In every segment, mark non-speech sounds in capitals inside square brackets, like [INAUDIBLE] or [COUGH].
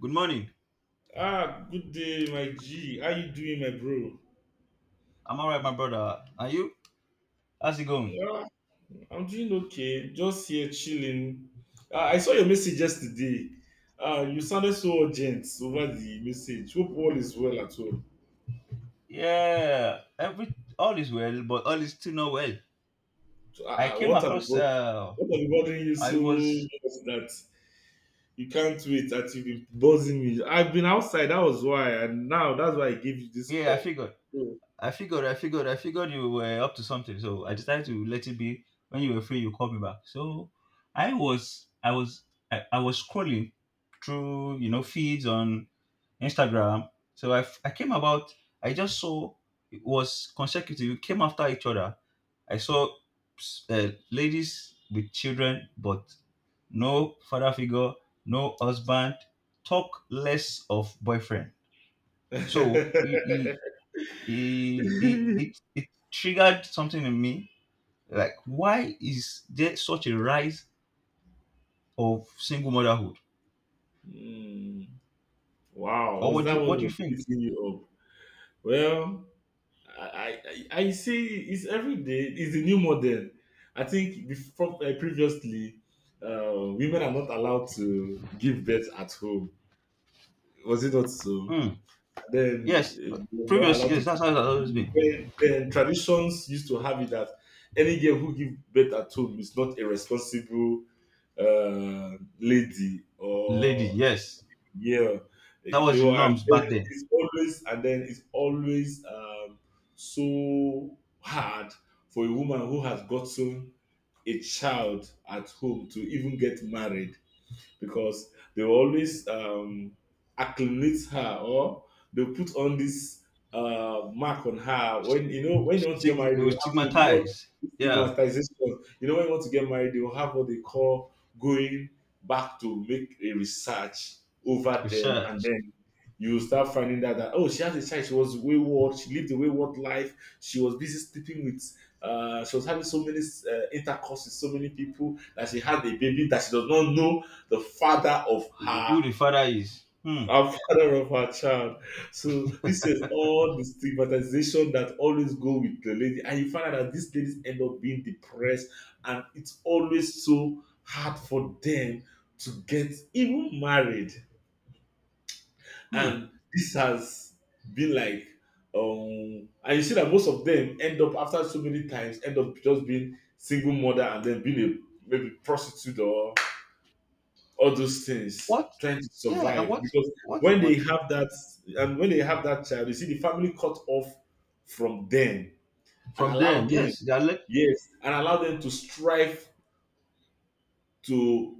Good morning. Ah, good day, my G. How you doing, my bro? I'm all right, my brother. Are you? How's it going? Yeah, I'm doing okay. Just here chilling. Ah, I saw your message yesterday. Ah, you sounded so urgent over the message. Hope all is well at home. Yeah, every all is well, but all is still not well. So, I came what have you across. got? What have you bothering you I so was. much that you can't wait that you've been buzzing me? I've been outside. That was why, and now that's why I gave you this Yeah, I call. figured. So- I figured. I figured. I figured you were up to something, so I decided to let it be. When you were free, you called me back. So I was. I was. I was scrolling through, feeds on Instagram. So I came about. I just saw it was consecutive, it came after each other. I saw ladies with children, but no father figure, no husband, talk less of boyfriend. So [LAUGHS] it triggered something in me, like, why is there such a rise of single motherhood? Hmm. Wow, Or was what do that you, what what do you was think? keeping you up? Well, I say it's every day. It's a new model. I think before previously, women are not allowed to give birth at home. Was it not so? Hmm. And then Yes, they're not previous, allowed to yes, that's give how it birth. has at always home. been. Then traditions used to have it that any girl who gives birth at home is not a responsible lady Lady, or yes. yeah. That They was the were, and norms then back then. It's always so hard for a woman who has gotten a child at home to even get married because they will always acclimate her or they'll put on this mark on her. When you know when you want to get Stigma, married, they they'll were have they do what stigmatized, yeah. stigmatization. You know when you want to get married, they'll have what they call going back to make a research over them, and Research. then you start finding that oh she has a child, she was wayward, she lived a wayward life, she was busy sleeping with she was having so many intercourse with so many people that she had a baby that she does not know the father of her Who the father is. Hmm. a father of her child. So this is all the stigmatization that always go with the lady. And you find out that these ladies end up being depressed and it's always so hard for them to get even married. Hmm. And this has been like and you see that most of them end up after so many times end up just being single mother and then being a maybe prostitute or all those things What? trying to Yeah. And survive because when they what? have that when they have that child you see the family cut off from them and From allow them, them, yes, they are like. yes, and allow them to strive to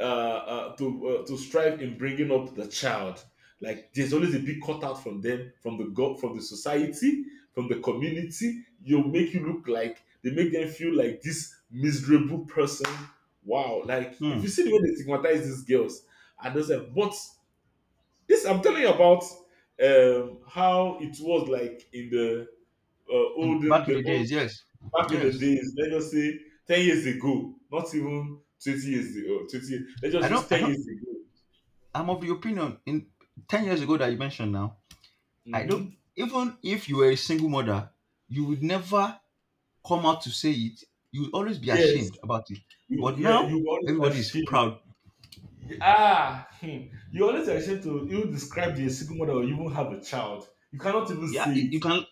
to strive in bringing up the child. Like there's always a big cut out from them from the from the society, from the community. You make you look like they make them feel like this miserable person. Wow, like if Hmm. you see the way they stigmatize these girls and those but this I'm telling you about how it was like in the And olden back in the the old days, yes, back in the yes. days. Let's just say 10 years ago, not even 20 years ago. Oh, 20 Let's just i use don't I ten don't years ago. I'm of the opinion, in 10 years ago that you mentioned now, I don't Hmm. even if you were a single mother, you would never come out to say it. You would always be Yes, ashamed about it. you, But yeah, now you were always everybody is ashamed. proud. Ah, hmm. You always ashamed to you describe the single mother or even have a child. You cannot even Yeah, say you, it. you can.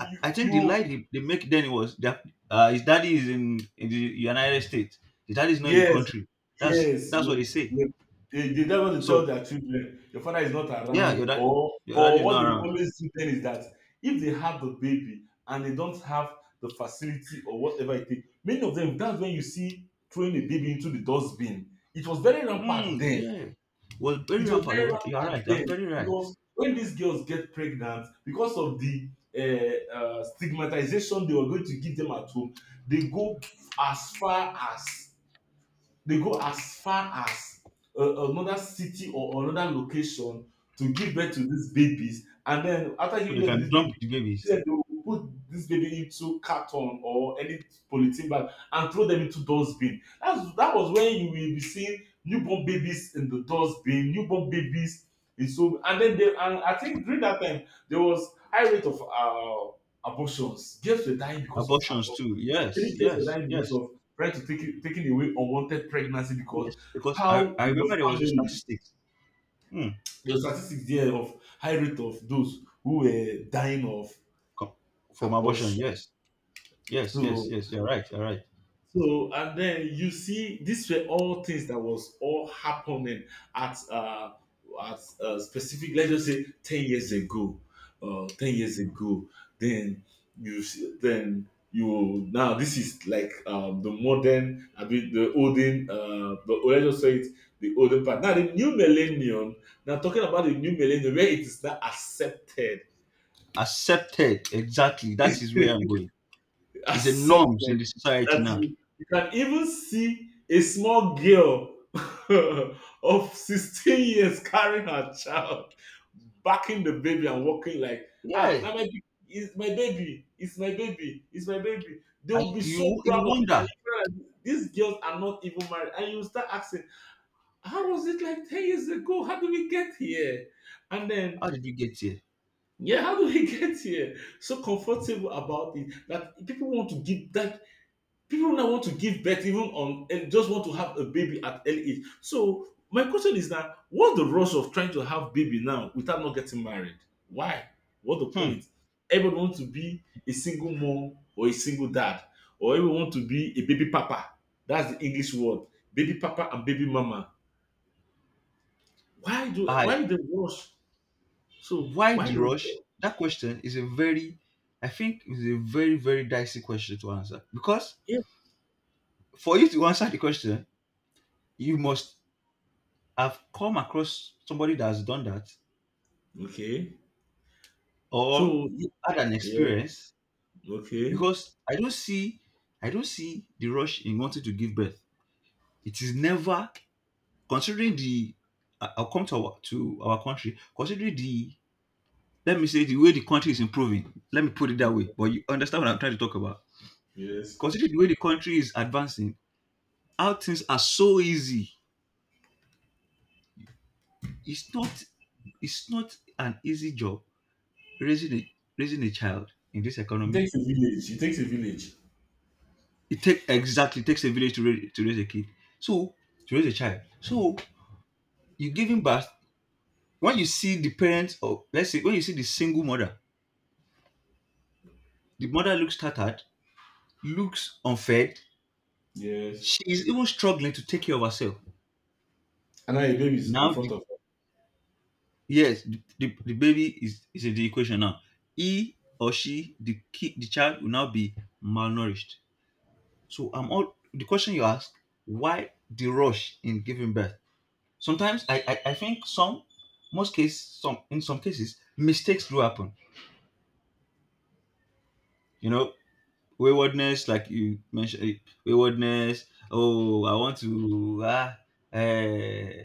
I, I think the lie you they make then was that his daddy is in the United States. His daddy is not in the Yes, country. that's yes. that's what they say. they, they don't want to tell So their children your father is not yeah, around, or your daddy or is what not they around. always do then is that if they have the baby and they don't have the facility or whatever it takes, many of them that's when you see throwing a baby into the dustbin. It was very rampant Mm, then. yeah. Well, very It was rampant. very You are rampant right. You're then very right. because when these girls get pregnant, because of the stigmatization they were going to give them at home, they go as far as they go as far as another city or another location to give birth to these babies, and then after So giving they birth to this can dump baby, the see babies. them, they will put this baby into carton or any polythene bag and throw them into dustbin. That was when you will be seeing newborn babies in the dustbin, newborn babies in. So and then they, and I think during that time there was high rate of abortions. Girls were dying because of Abortions abortion. too, Many yes, tests were yes, done in yes. of trying to taking away unwanted pregnancy because Yes, because i how i in the remember there was a family statistic. Hmm. the statistics there of high rate of those who were dying of co- from abortion, abortion. yes. Yes, yes, So yes, you're right. You're right. So and then you see, these were all things that was all happening at specific. Let's just say 10 years ago, 10 years ago. Then you see, then you now this is like the modern, I mean the olden, the let's just say it, the olden part. Now the new millennium. Now talking about the new millennium, where it is now accepted. Accepted, exactly. That is where I'm [LAUGHS] going. It's a norms Accepted in the society that now. you can even see a small girl [LAUGHS] of 16 years carrying her child, backing the baby and walking like, ah, Yeah, now it's my baby, it's my baby, it's my baby. They and will be so you proud of it. wonder, And you feel like these girls are not even married. And you start asking, how was it like 10 years ago? How do we get here? And then, how did you get here? yeah, how do we [LAUGHS] get here? So comfortable about it that people want to give that people now want to give birth even on and just want to have a baby at early age. So my question is that what's the rush of trying to have baby now without not getting married? Why? What the Hmm. point? Everybody wants to be a single mom or a single dad, or everyone want to be a baby papa. That's the English word, baby papa and baby mama. Why do I why the rush? So Why why the the rush? That question is a very, I think, is a very, very dicey question to answer, because yeah. for you to answer the question, you must have come across somebody that has done that, Okay? or So had an yeah, experience. okay, Because I don't see the rush in wanting to give birth. It is never. Considering the, I'll come to our country, considering the, let me say the way the country is improving. Let me put it that way. But you understand what I'm trying to talk about. yes. Considering the way the country is advancing, how things are so easy. It's not it's not an easy job raising a raising a child in this It economy. takes a village. It takes a village. It take exactly takes a village to raise a kid. So to raise a child. So you giving birth, when you see the parents, or let's say when you see the single mother, the mother looks tattered, looks unfed. Yes. She is even struggling to take care of herself. And now your baby is in Now, front the, of her. yes, the, the, the baby is in the equation now. He or she, the kid, the child will now be malnourished. So I'm all the question you ask: why the rush in giving birth? Sometimes I think most cases, some cases, mistakes do happen. You know, waywardness, like you mentioned, waywardness. Oh, I want to eh,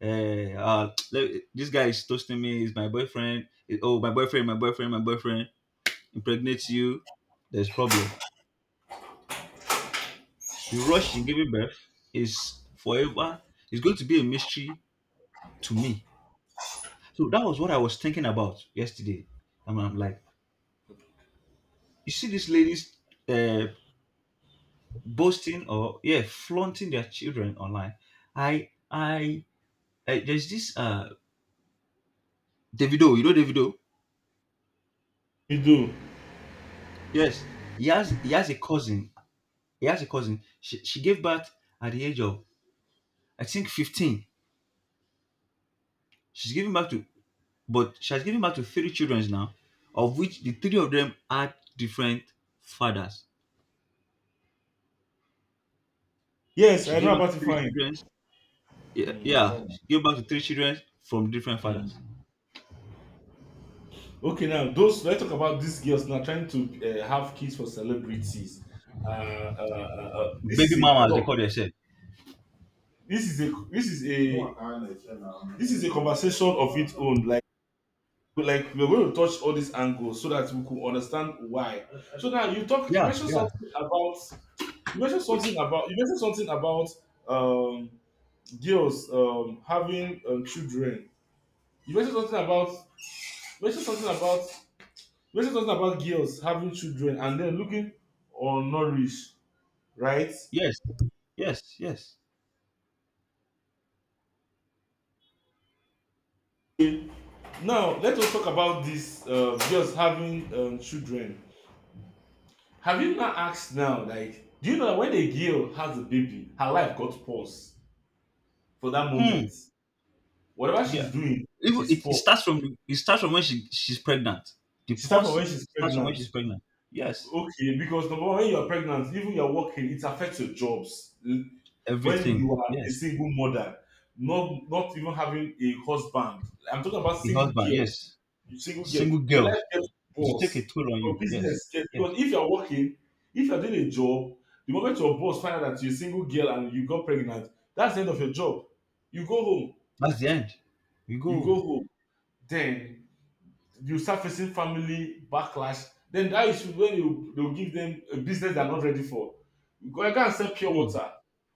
hey, this guy is toasting me. He's my boyfriend. Oh, my boyfriend, my boyfriend, my boyfriend impregnates you. There's problem. The rush in giving birth is forever. It's going to be a mystery to me. So that was what I was thinking about yesterday. And I'm like, you see these ladies uh, boasting, or yeah, flaunting their children online. I, I, I There's this Davido. You know Davido? You do. Yes. He has a cousin. He has a cousin. She gave birth at the age of, I think, 15. She's giving birth to, But she has given birth to three children now, of which the three of them had different fathers. Yes, She I gave know birth about to it three fine. children. Yeah, Mm. I yeah, know. she gave birth to three children from different Mm. fathers. Okay, now those let's talk about these girls now trying to have kids for celebrities. This is Baby a mama, as they talk. call themselves. This is a this is no a one can understand now. This is a conversation of its own. Like we're going to touch all these angles so that we could understand why. So now you talk. Yeah, yeah. You mentioned something about um, girls having children. You mentioned something about mentioned something about Mentioned something about girls having children and then looking undernourished, right? Yes, yes, yes. Now let us talk about this girls having children. Have you not asked now, like, do you know that when a girl has a baby, her life got paused for that moment. Hmm. Whatever Yeah. she's doing Even is paused. It starts from when she's pregnant. The She start from when pause she's starts from when pregnant. she's pregnant. Yes. Okay, because number one, when you're pregnant, even you're working, it affects your jobs. When Everything. you are a Yes. single mother, not even having a husband. I'm talking about A single husband, girls. yes. You single girl, Single your life girls, gets it will take a boss. toll on Your you. Yes, business gets yes. because if you're working, if you're doing a job, the moment your boss finds out that you're a single girl and you got pregnant, that's the end of your job. You go home. That's the end. We You go. go home. Then you start facing family backlash then that is when you they'll give them a business they're not ready for. Go and sell pure Mm. water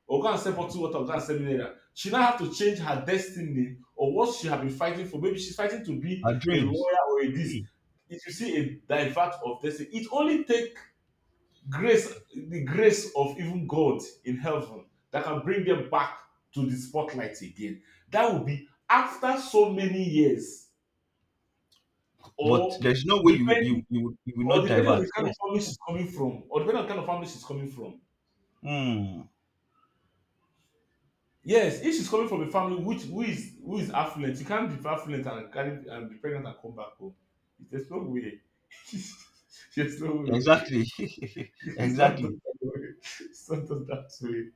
or go and sell bottled water or go and sell mineral. She now have to change her destiny or what she have been fighting for, maybe she's fighting to be Our a dreams. lawyer or a this. Mm. If you see a divert of destiny, it only take grace the grace of even God in heaven that can bring them back to the spotlight again. That will be after so many years But or there's no way depending you will not depending on divert. the kind of Yes. family she's Yes. coming from, or depending on the kind of family she's coming from. Mm. Yes, if she's coming from a family which who is affluent, you can't be affluent and carry and be pregnant and come back home. There's no way. [LAUGHS] There's no way. Exactly. [LAUGHS] It's not Exactly. done that way. It's not done that way.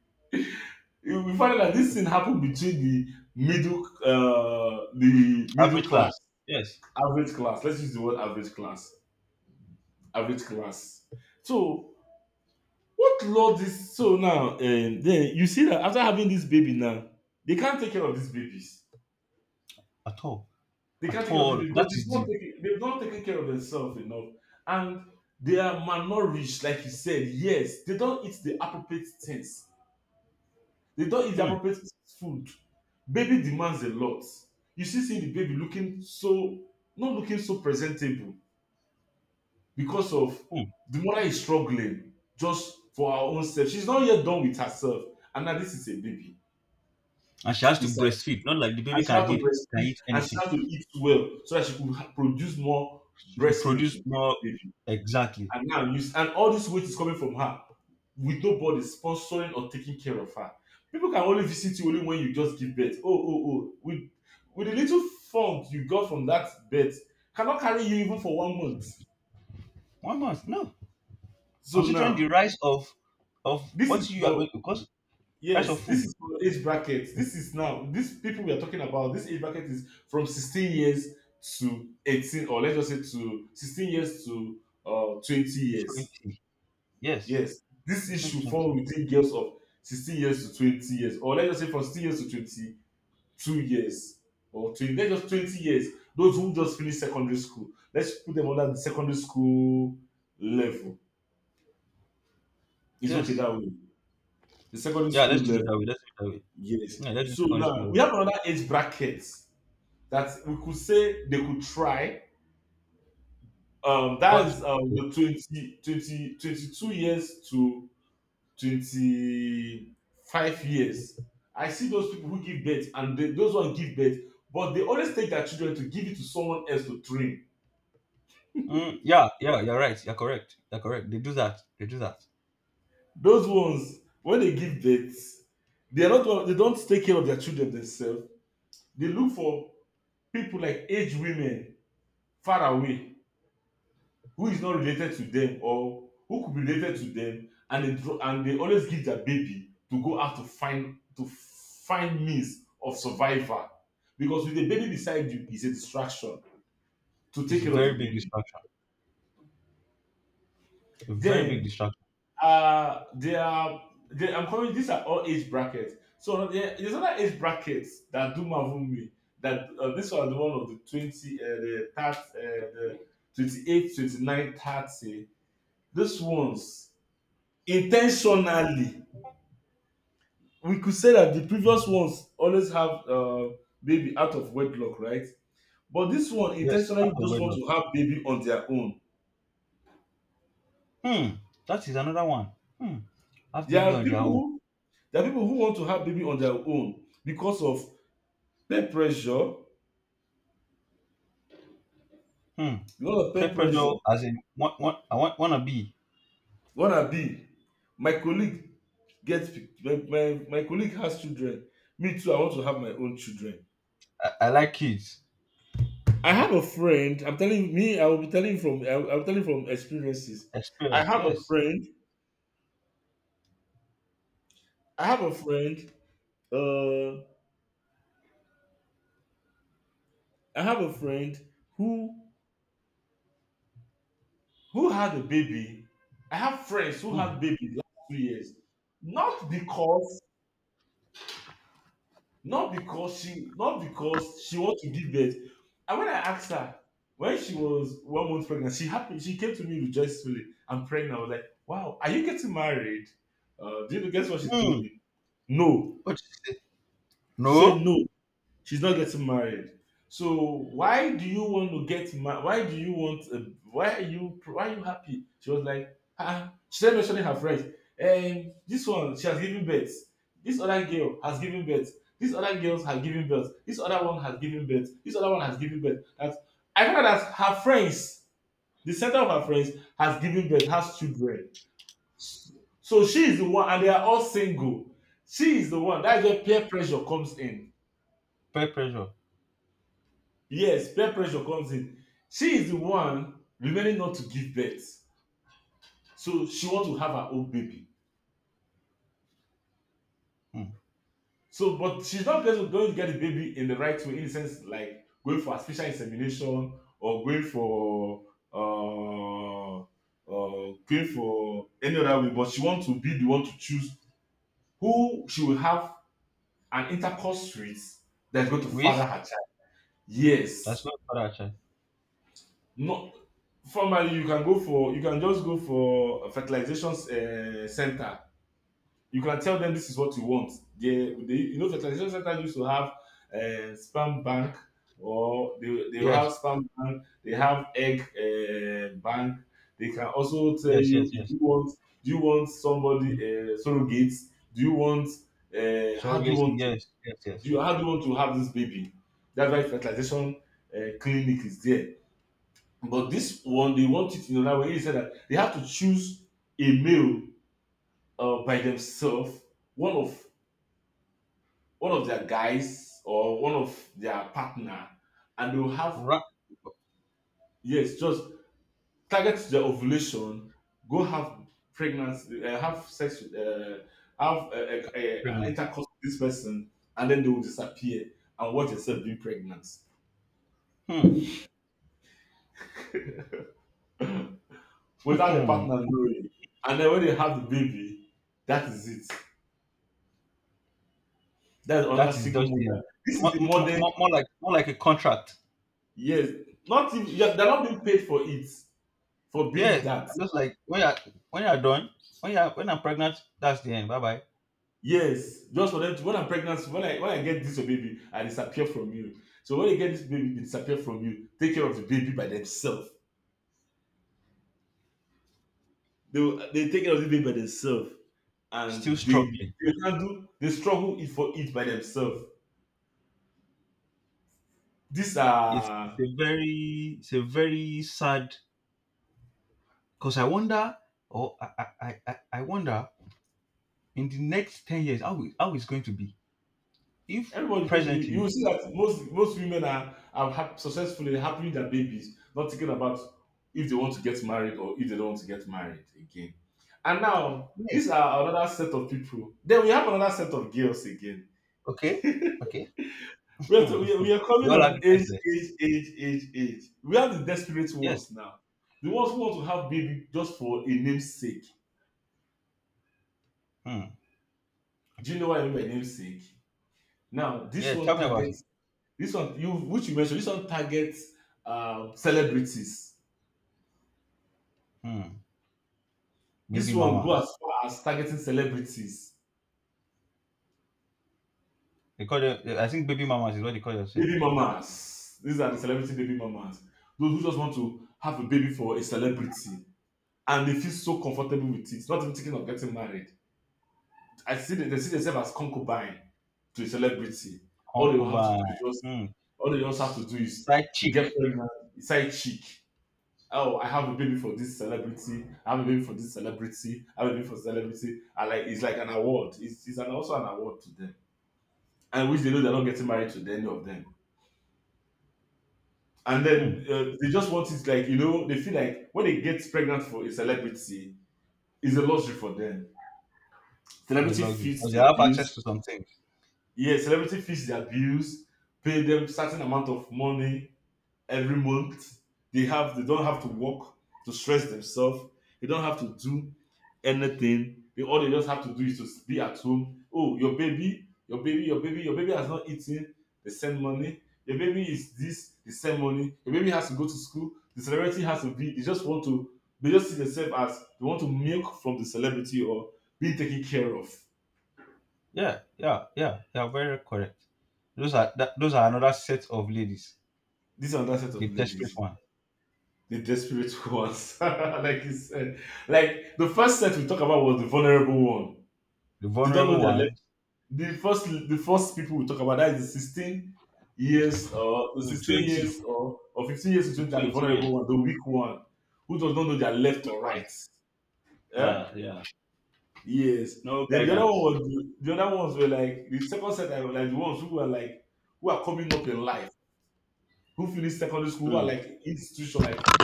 You will find that this thing happened between the middle Average class, class. Yes. average class. Let's use the word average class. Average class. So what law this so now? Then you see that after having this baby now, they can't take care of these babies. At all. They can't At take care of these all. babies because That is the. They've not taken care of themselves enough, and they are malnourished, like you said. Yes, they don't eat the appropriate things. They don't eat the Mm. appropriate food. Baby demands a lot. You see the baby looking so not looking so presentable because of Mm. the mother is struggling just for her own self. She's not yet done with herself, and now this is a baby And she has to breastfeed. Not like the and baby she had to can breastfeed eat and she anything. had to eat well so that she could produce more She could breast milk to produce give more. the baby. Exactly. And now and all this weight is coming from her with nobody sponsoring or taking care of her. People can only visit you only when you just give birth. Oh, oh, oh, with the little fund you got from that birth cannot carry you even for 1 month. One month. No. So Considering the now rise of this what is you are for going, because price of yes, this food, is for age bracket. This is now these people we are talking about. This age bracket is from 16 years to 18, or let's just say to 16 years to 20 years. 20. Yes. Yes, this 16 to issue fall 20. within girls of 16 years to 20 years, or let's just say from 16 years to 22 years, or 20, let's just 20 years. Those who just finished secondary school, let's put them under the secondary school level. It's okay Yes. that way. The secondary Yeah, school let's do it level, that way. Let's do it that way. yes. Yeah, let's do So secondary school now we level. have another age bracket that we could say they could try. That Cause, is okay. the 22 years to 25 years. I see those people who give birth and those ones give birth, but they always take their children to give it to someone else to train. Mm, yeah, yeah, you're right. You're correct. You're correct. They do that. They do that. Those ones, when they give birth, they are not they don't take care of their children themselves. They look for people like aged women far away who is not related to them or who could be related to them and and they always give their baby to go out to find means of survival because with the baby beside you is a distraction to take It's a care of the very big baby. distraction. A very big Then distraction. uh they are I'm calling these are all age brackets. So there's other age brackets that do marvel me, that this was the one of the 20, the 30, the 28, 29, 30. These ones intentionally, we could say that the previous ones always have baby out of wedlock, right? But this one Yes, intentionally out of just want wedlock. to have baby on their own. Hmm. That is another one. Hmm. Have there baby are on their people own. who there are people who want to have baby on their own because of peer pressure. Hmm. because of Peer peer pressure, pressure as in one, I want wanna be. Wanna be, my colleague gets my, my my colleague has children, me too, I want to have my own children. I like kids. I have a friend I'm telling me I will be telling from experiences. i Experience. have a Yes. friend I have a friend. Uh, I have a friend who had a baby. I have friends who Hmm. had babies last 2 years. Not because, Not because she wants to give birth. And when I asked her, when she was 1 month pregnant, she happy. She came to me rejoicefully, "I'm pregnant." I was like, "Wow, are you getting married?" Guess what she told Hmm. me? No. What you say? She said No. no. She's not getting married. So why do you want to get married? Why do you want? A, why are you? Why are you happy? She was like, ah. She started mentioning her friends. This one she has given birth. This other girl has given birth. This other girls have given birth. This other one has given birth. This other one has given birth. That I found out that her friends, the center of her friends, has given birth, has children. So she is the one, and they are all single. She is the one. That's where peer pressure comes in. Peer pressure. Yes, peer pressure comes in. She is the one remaining not to give birth. So she wants to have her own baby. Hmm. So, but she's not going to get the baby in the right way, in the sense like going for artificial insemination or uh, going for any other way. But she wants to be the one to choose who she will have an intercourse with that's going to father With, her child. that's Yes. not for that child. No, formally you can go for you can just go for a fertilization center. You can tell them this is what you want. They fertilization center used to have sperm bank, or they will have Yes, sperm bank. They have egg, bank. They can also tell yes, you, yes, if yes. you want do you want somebody, surrogate. Do you want how do you Surrogacy. want to Yes, yes, yes, do yes. you, How do you want to have this baby? That's why fertilization clinic is there, but this one, they want it in another way. He said that they have to choose a male, by themselves, one of one of their guys or one of their partner, and they'll have. Ra- Yes, just target their ovulation, go have pregnancy, have sex with, have an Pregnant. intercourse with this person, and then they will disappear and watch themselves being pregnant Hmm. without the [LAUGHS] partner knowing. And then when they have the baby, that is it. That's another That is single just the mother. end. This is the modern, More like a contract. yes. Not even, yeah, they're not being paid for it, for being Yeah, that. just like when you're done, when I'm pregnant, that's the end. Bye bye. Yes, just for them to, when I'm pregnant, when I get this baby, I disappear from you. So when they get this baby, they disappear from you. Take care of the baby by themselves. They take care of the baby by themselves, Still and they struggling. they handle they struggle it for it by themselves. These are It's a very sad, because I wonder, or I wonder, in the next 10 years how is, going to be if Everybody's going to be. You will presently. see that most women are successful in having their babies, not thinking about if they want to get married or if they don't want to get married again. And now Yeah. these are another set of people. Then we have another set of girls again. Okay. Okay. We are, to, Hmm. we, are, We [LAUGHS] are We coming all have on age, differences. age, age, age, age. We have the desperate Yes. ones now. The ones who want to have baby just for a name's sake. Hmm. Do you know what I mean by namesake? Now this Yeah, one tell me about it. targets This one, you which you mentioned. This one targets celebrities. Hmm. This Baby one go as mamas, far as targeting celebrities, they call them. I think baby mamas is what they call yourself. baby mamas. These are the celebrity baby mamas. Those who just want to have a baby for a celebrity, and they feel so comfortable with it, not even thinking of getting married. I see they see themselves as concubine to a celebrity. All they will have to do Concubine. is just Hmm. all they just have to do is Side to chick. get pregnant, side chick. Oh, I have a baby for this celebrity. I have a baby for this celebrity. I have a baby for celebrity. I like It's like an award. It's also an award to them. And which they know they're not getting married to any of them. And Hmm. then they just want it like, they feel like when they get pregnant for a celebrity, it's a luxury for them. It's a Celebrity luxury feeds because they their have access bills. to some things. Yeah, celebrity feeds their bills, pay them certain amount of money every month. They don't have to work to stress themselves. They don't have to do anything. They All they just have to do is to be at home. Oh, your baby, your baby, your baby, your baby has not eaten. They send money. Your baby is this. They send money. Your baby has to go to school. The celebrity has to be. They just want to. They just see themselves as they want to milk from the celebrity or being taken care of. Yeah, yeah, yeah, they are very correct. Those are another set of ladies. This and that set of The desperate ladies. one. The desperate ones. [LAUGHS] Like it's like the first set we talk about was the vulnerable one. The They don't vulnerable know their left. one. The first people we talk about, that is the 16 years or the To 16 20, years, or, 15 years to between, are the 20 vulnerable years, one, the weak one, who does not know their the left weak or one. right. Eh? Yeah, yeah. Yes. No Then the other one guidance. was the other ones were like the second set, I was like the ones who were like who are coming up in life, who finished secondary school, who are Mm. like institution, like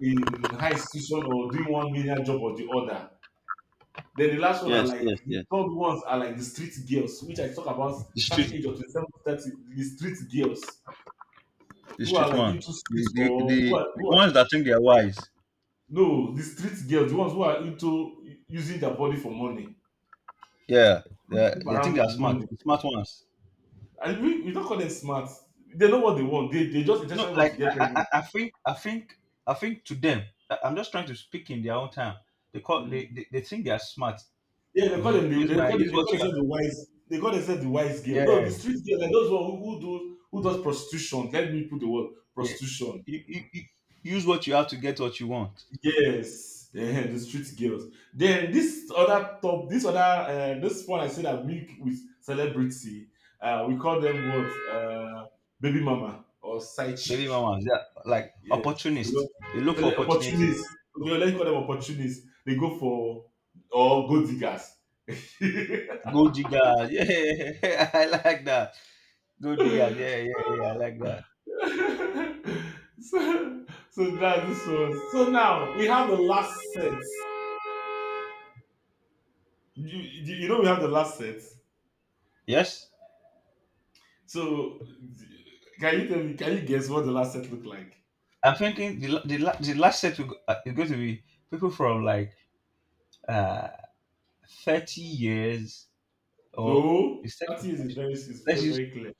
in high institution, or doing one million job or the other. Then the last one are Yes, yes, like the yes. third ones are like the street girls, which I talk about The certain street. age of 27 to 30, the street girls The who are street like into ones. Streets or The who are ones that think they're wise. no, the street girls, the ones who are into using their body for money, Yeah, who they sleep they think around they're for smart. money. The smart ones. And we don't call them smart. They know what they want. They just No, intentionally want like to get pregnant. I think. I think to them. I'm just trying to speak in their own time. Mm. They think they're smart. Yeah, You know, use they what call you themselves the wise, they call themselves the wise girl. have. No, Yeah, the street girls like those one who does prostitution. Let me put the word yeah. prostitution. You use what you have to get what you want. Yes, ehen, the street girls. Then this other top, this other this one I said I milk with celebrity. We call them what? Baby mama or side chick. Baby mamas, yeah, like Yes, They go- opportunists. They look for opportunity. opportunists. Okay, let's call them opportunists. They go for, or gold diggers. [LAUGHS] Gold diggers. Yeah, [LAUGHS] I like that. Gold diggers. Yeah, yeah, yeah. I like that. so, so that's this one. So now we have the last set. You know we have the last set. Yes, So, can you tell me? Can you guess what the last set looked like? I'm thinking the last set is going to be people from, like, uh 30 years. Or No, is that thirty too years much? Is Let's so use, very clear.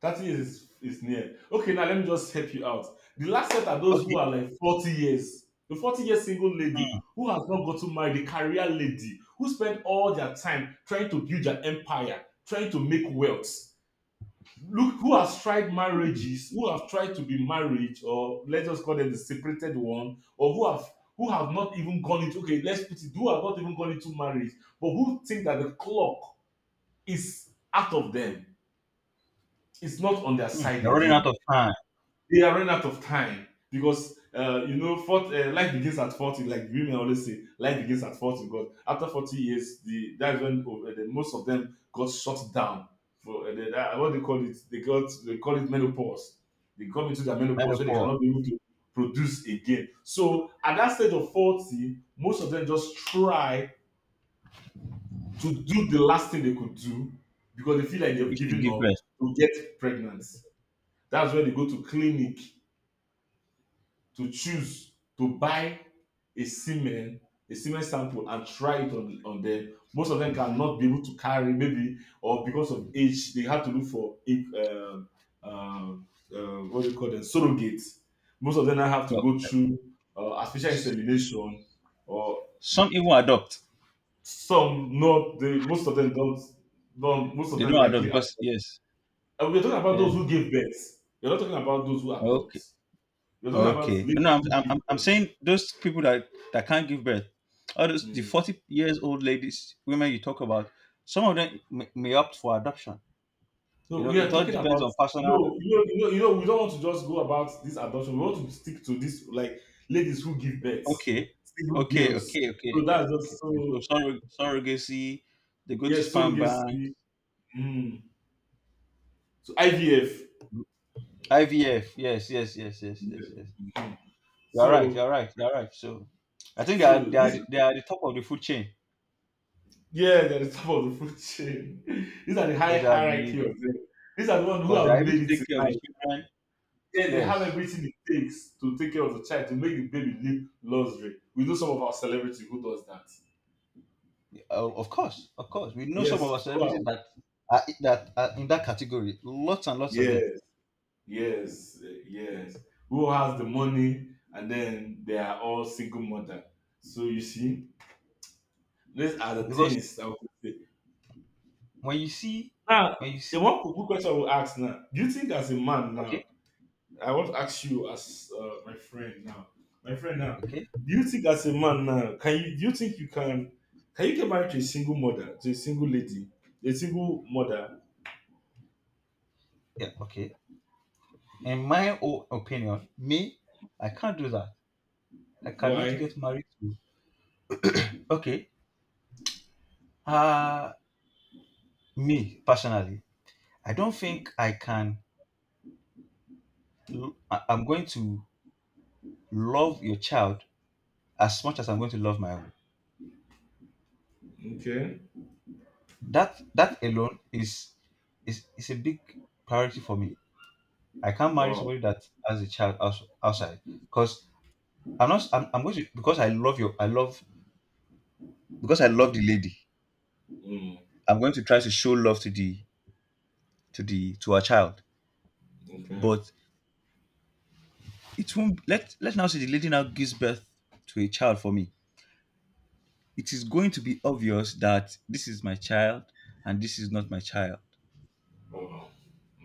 30 years is near. Okay, now let me just help you out. The last set are those who okay. are like 40 years. The 40-year single lady Mm, who has not gotten married, the career lady who spent all their time trying to build their empire, trying to make wealth. Look who has tried mm, marriages, who have tried to be married, or let's just call them the separated one, or who have not even gone into, okay, let's put it, who have not even gone into marriage, but who think that the clock is out of them, it's not on their mm. side You're running out again. of time. They are running out of time because you know, fort life begins at 40. Like women always say, life begins at 40. Because after 40 years, the that's when most of them got shut down for what they call it. They call it menopause. They got into their menopause where they Menopause. cannot be able to produce again. So at that stage of 40, most of them just try to do the last thing they could do because they feel like they've We should given give up birth. to get pregnant. That's when they go to clinic to choose to buy a semen a semen sample and try it on them. Most of them cannot be able to carry, maybe, or because of age they have to look for um, um, what do you call them, surrogates. Most of them now have to So, go through artificial insemination or some even adopt. some not they most of them don't most of They them don't likely adopt are, because, yes, and we're talking about yeah. those who give birth. You're not talking about those who adopt. Okay. You're talking about Okay. No, ladies who give. I'm saying those people that can't give birth, all those, the 40 years old ladies, women you talk about, some of them may opt for adoption. You No, know, we are it all talking depends about. on personal. No, we don't want to just go about this adoption. We want to stick to this, like ladies who give birth, Okay. single Okay. girls. Okay. Okay. So Okay. that's just Okay. So so. Surrogacy, they go to Yes, sperm banks. surrogacy. Mm. So IVF. IVF. Yes. Yes. Yes. Yes. Yes. Yeah. Yes. Mhm. You're right. You're So right. You're right. So I think so this they are the top of the food chain, yeah, they're the top of the food chain. [LAUGHS] These are the high because hierarchy of them. These are the ones who because they have are able to made it in take care of life. the children. Yeah, they have Yes. everything it takes to take care of the child, to make the baby live luxury. We know some of our celebrity who does that. Oh, of course, of course. We know some of our Yes, who celebrities has. That are in that category. Lots and lots of them. Yes, yes, eh, yes. Who has the money and then they are all single mother. So you see, these are the Because things that we could say. when you see, Now, when you the see, one good question I will ask now. Do you think as a man now, okay, I want to ask you as my friend now, do okay, you think as a man now, can you do you think you can you get married to a single mother, to a single lady, a single mother? yeah, okay. In my own opinion, me, I can't do that. I cannot Why? get married to. Okay, uh me personally, I don't think I can. I'm going to love your child as much as I'm going to love my own. Okay. That alone is a big priority for me. I can't marry Wow. somebody that has a child outside, because I'm not. I'm going to, because I love your. I love because I love the lady. Mm, I'm going to try to show love to the, to her child, okay. but it won't. Let's now say the lady now gives birth to a child for me. It is going to be obvious that this is my child and this is not my child. Oh,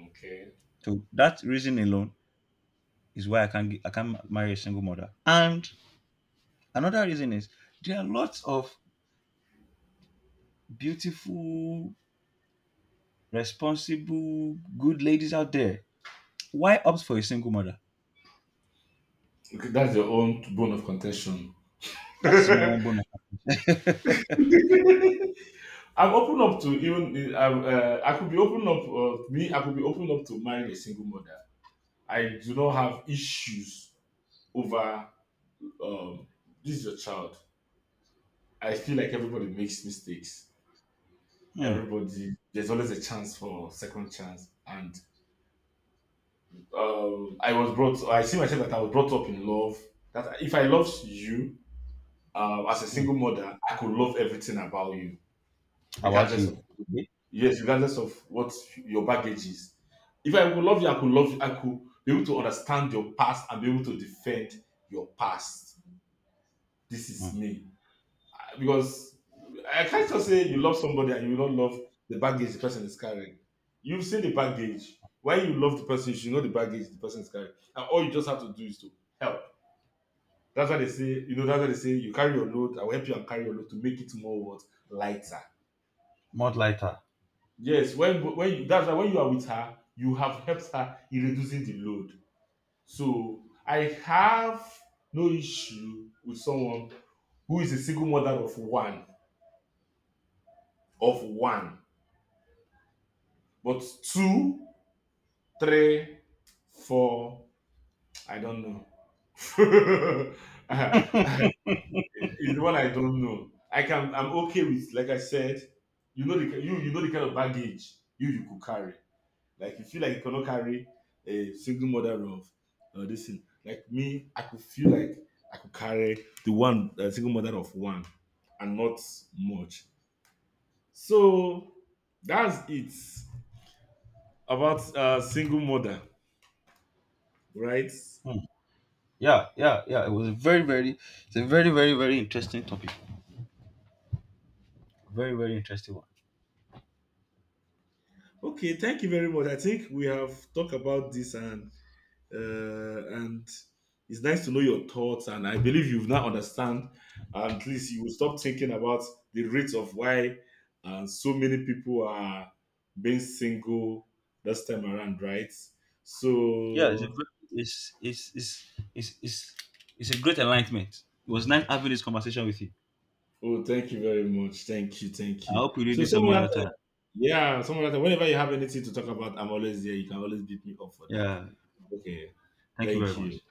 okay. So that reason alone is why I can't marry a single mother. And another reason is there are lots of beautiful, responsible, good ladies out there. Why opt for a single mother? Okay, that's your own bone of contention. That's my own bonus. [LAUGHS] I'm open up to even I could be open up me. I could be open up to marrying a single mother. I do not have issues over um, this is your child. I feel like everybody makes mistakes. Hmm. Everybody, there's always a chance for second chance. And I was brought. I see myself that I was brought up in love. That if I love you, as a Hmm. single mother, I could love everything about you, How about regardless you? of. Okay. Yes, regardless of what your baggage is. If I could love you, I could love you, I could be able to understand your past and be able to defend your past. This is Hmm. me. Because I can't just say you love somebody and you don't love the baggage the person is carrying. You've seen the baggage. When you love the person, you should know the baggage the person is carrying. And all you just have to do is to help. That's why they say, that's why they say you carry your load, I will help you and carry your load to make it more what lighter. Much lighter. Yes, when you, that's why when you are with her, you have helped her in reducing the load. So I have no issue with someone who is a single mother of one, of one, but two, three, four, I don't know. [LAUGHS] Is the one I don't know. I'm okay with, like I said, you know the kind of baggage you could carry. Like you feel like you cannot carry a single mother of this thing. Like me, I could feel like I could carry the one a single mother of one, and not much. So that's it about single mother, right? Hmm. Yeah, yeah, yeah. It was a very, very, it's a very, very, very interesting topic. Very, very interesting one. Okay, thank you very much. I think we have talked about this and it's nice to know your thoughts. And I believe you've now understand. And At least you will stop thinking about the rates of why so many people are being single this time around, right? Yeah, it's a So, very, it's, it's, it's, it's, it's, it's a great enlightenment. It was nice having this conversation with you. oh, thank you very much. Thank you, thank I you. hope we do So, this some some other time, other time. yeah, some other time, whenever you have anything to talk about, I'm always there. You can always beat me up for that. Yeah. Okay, Thank you very thank you. much.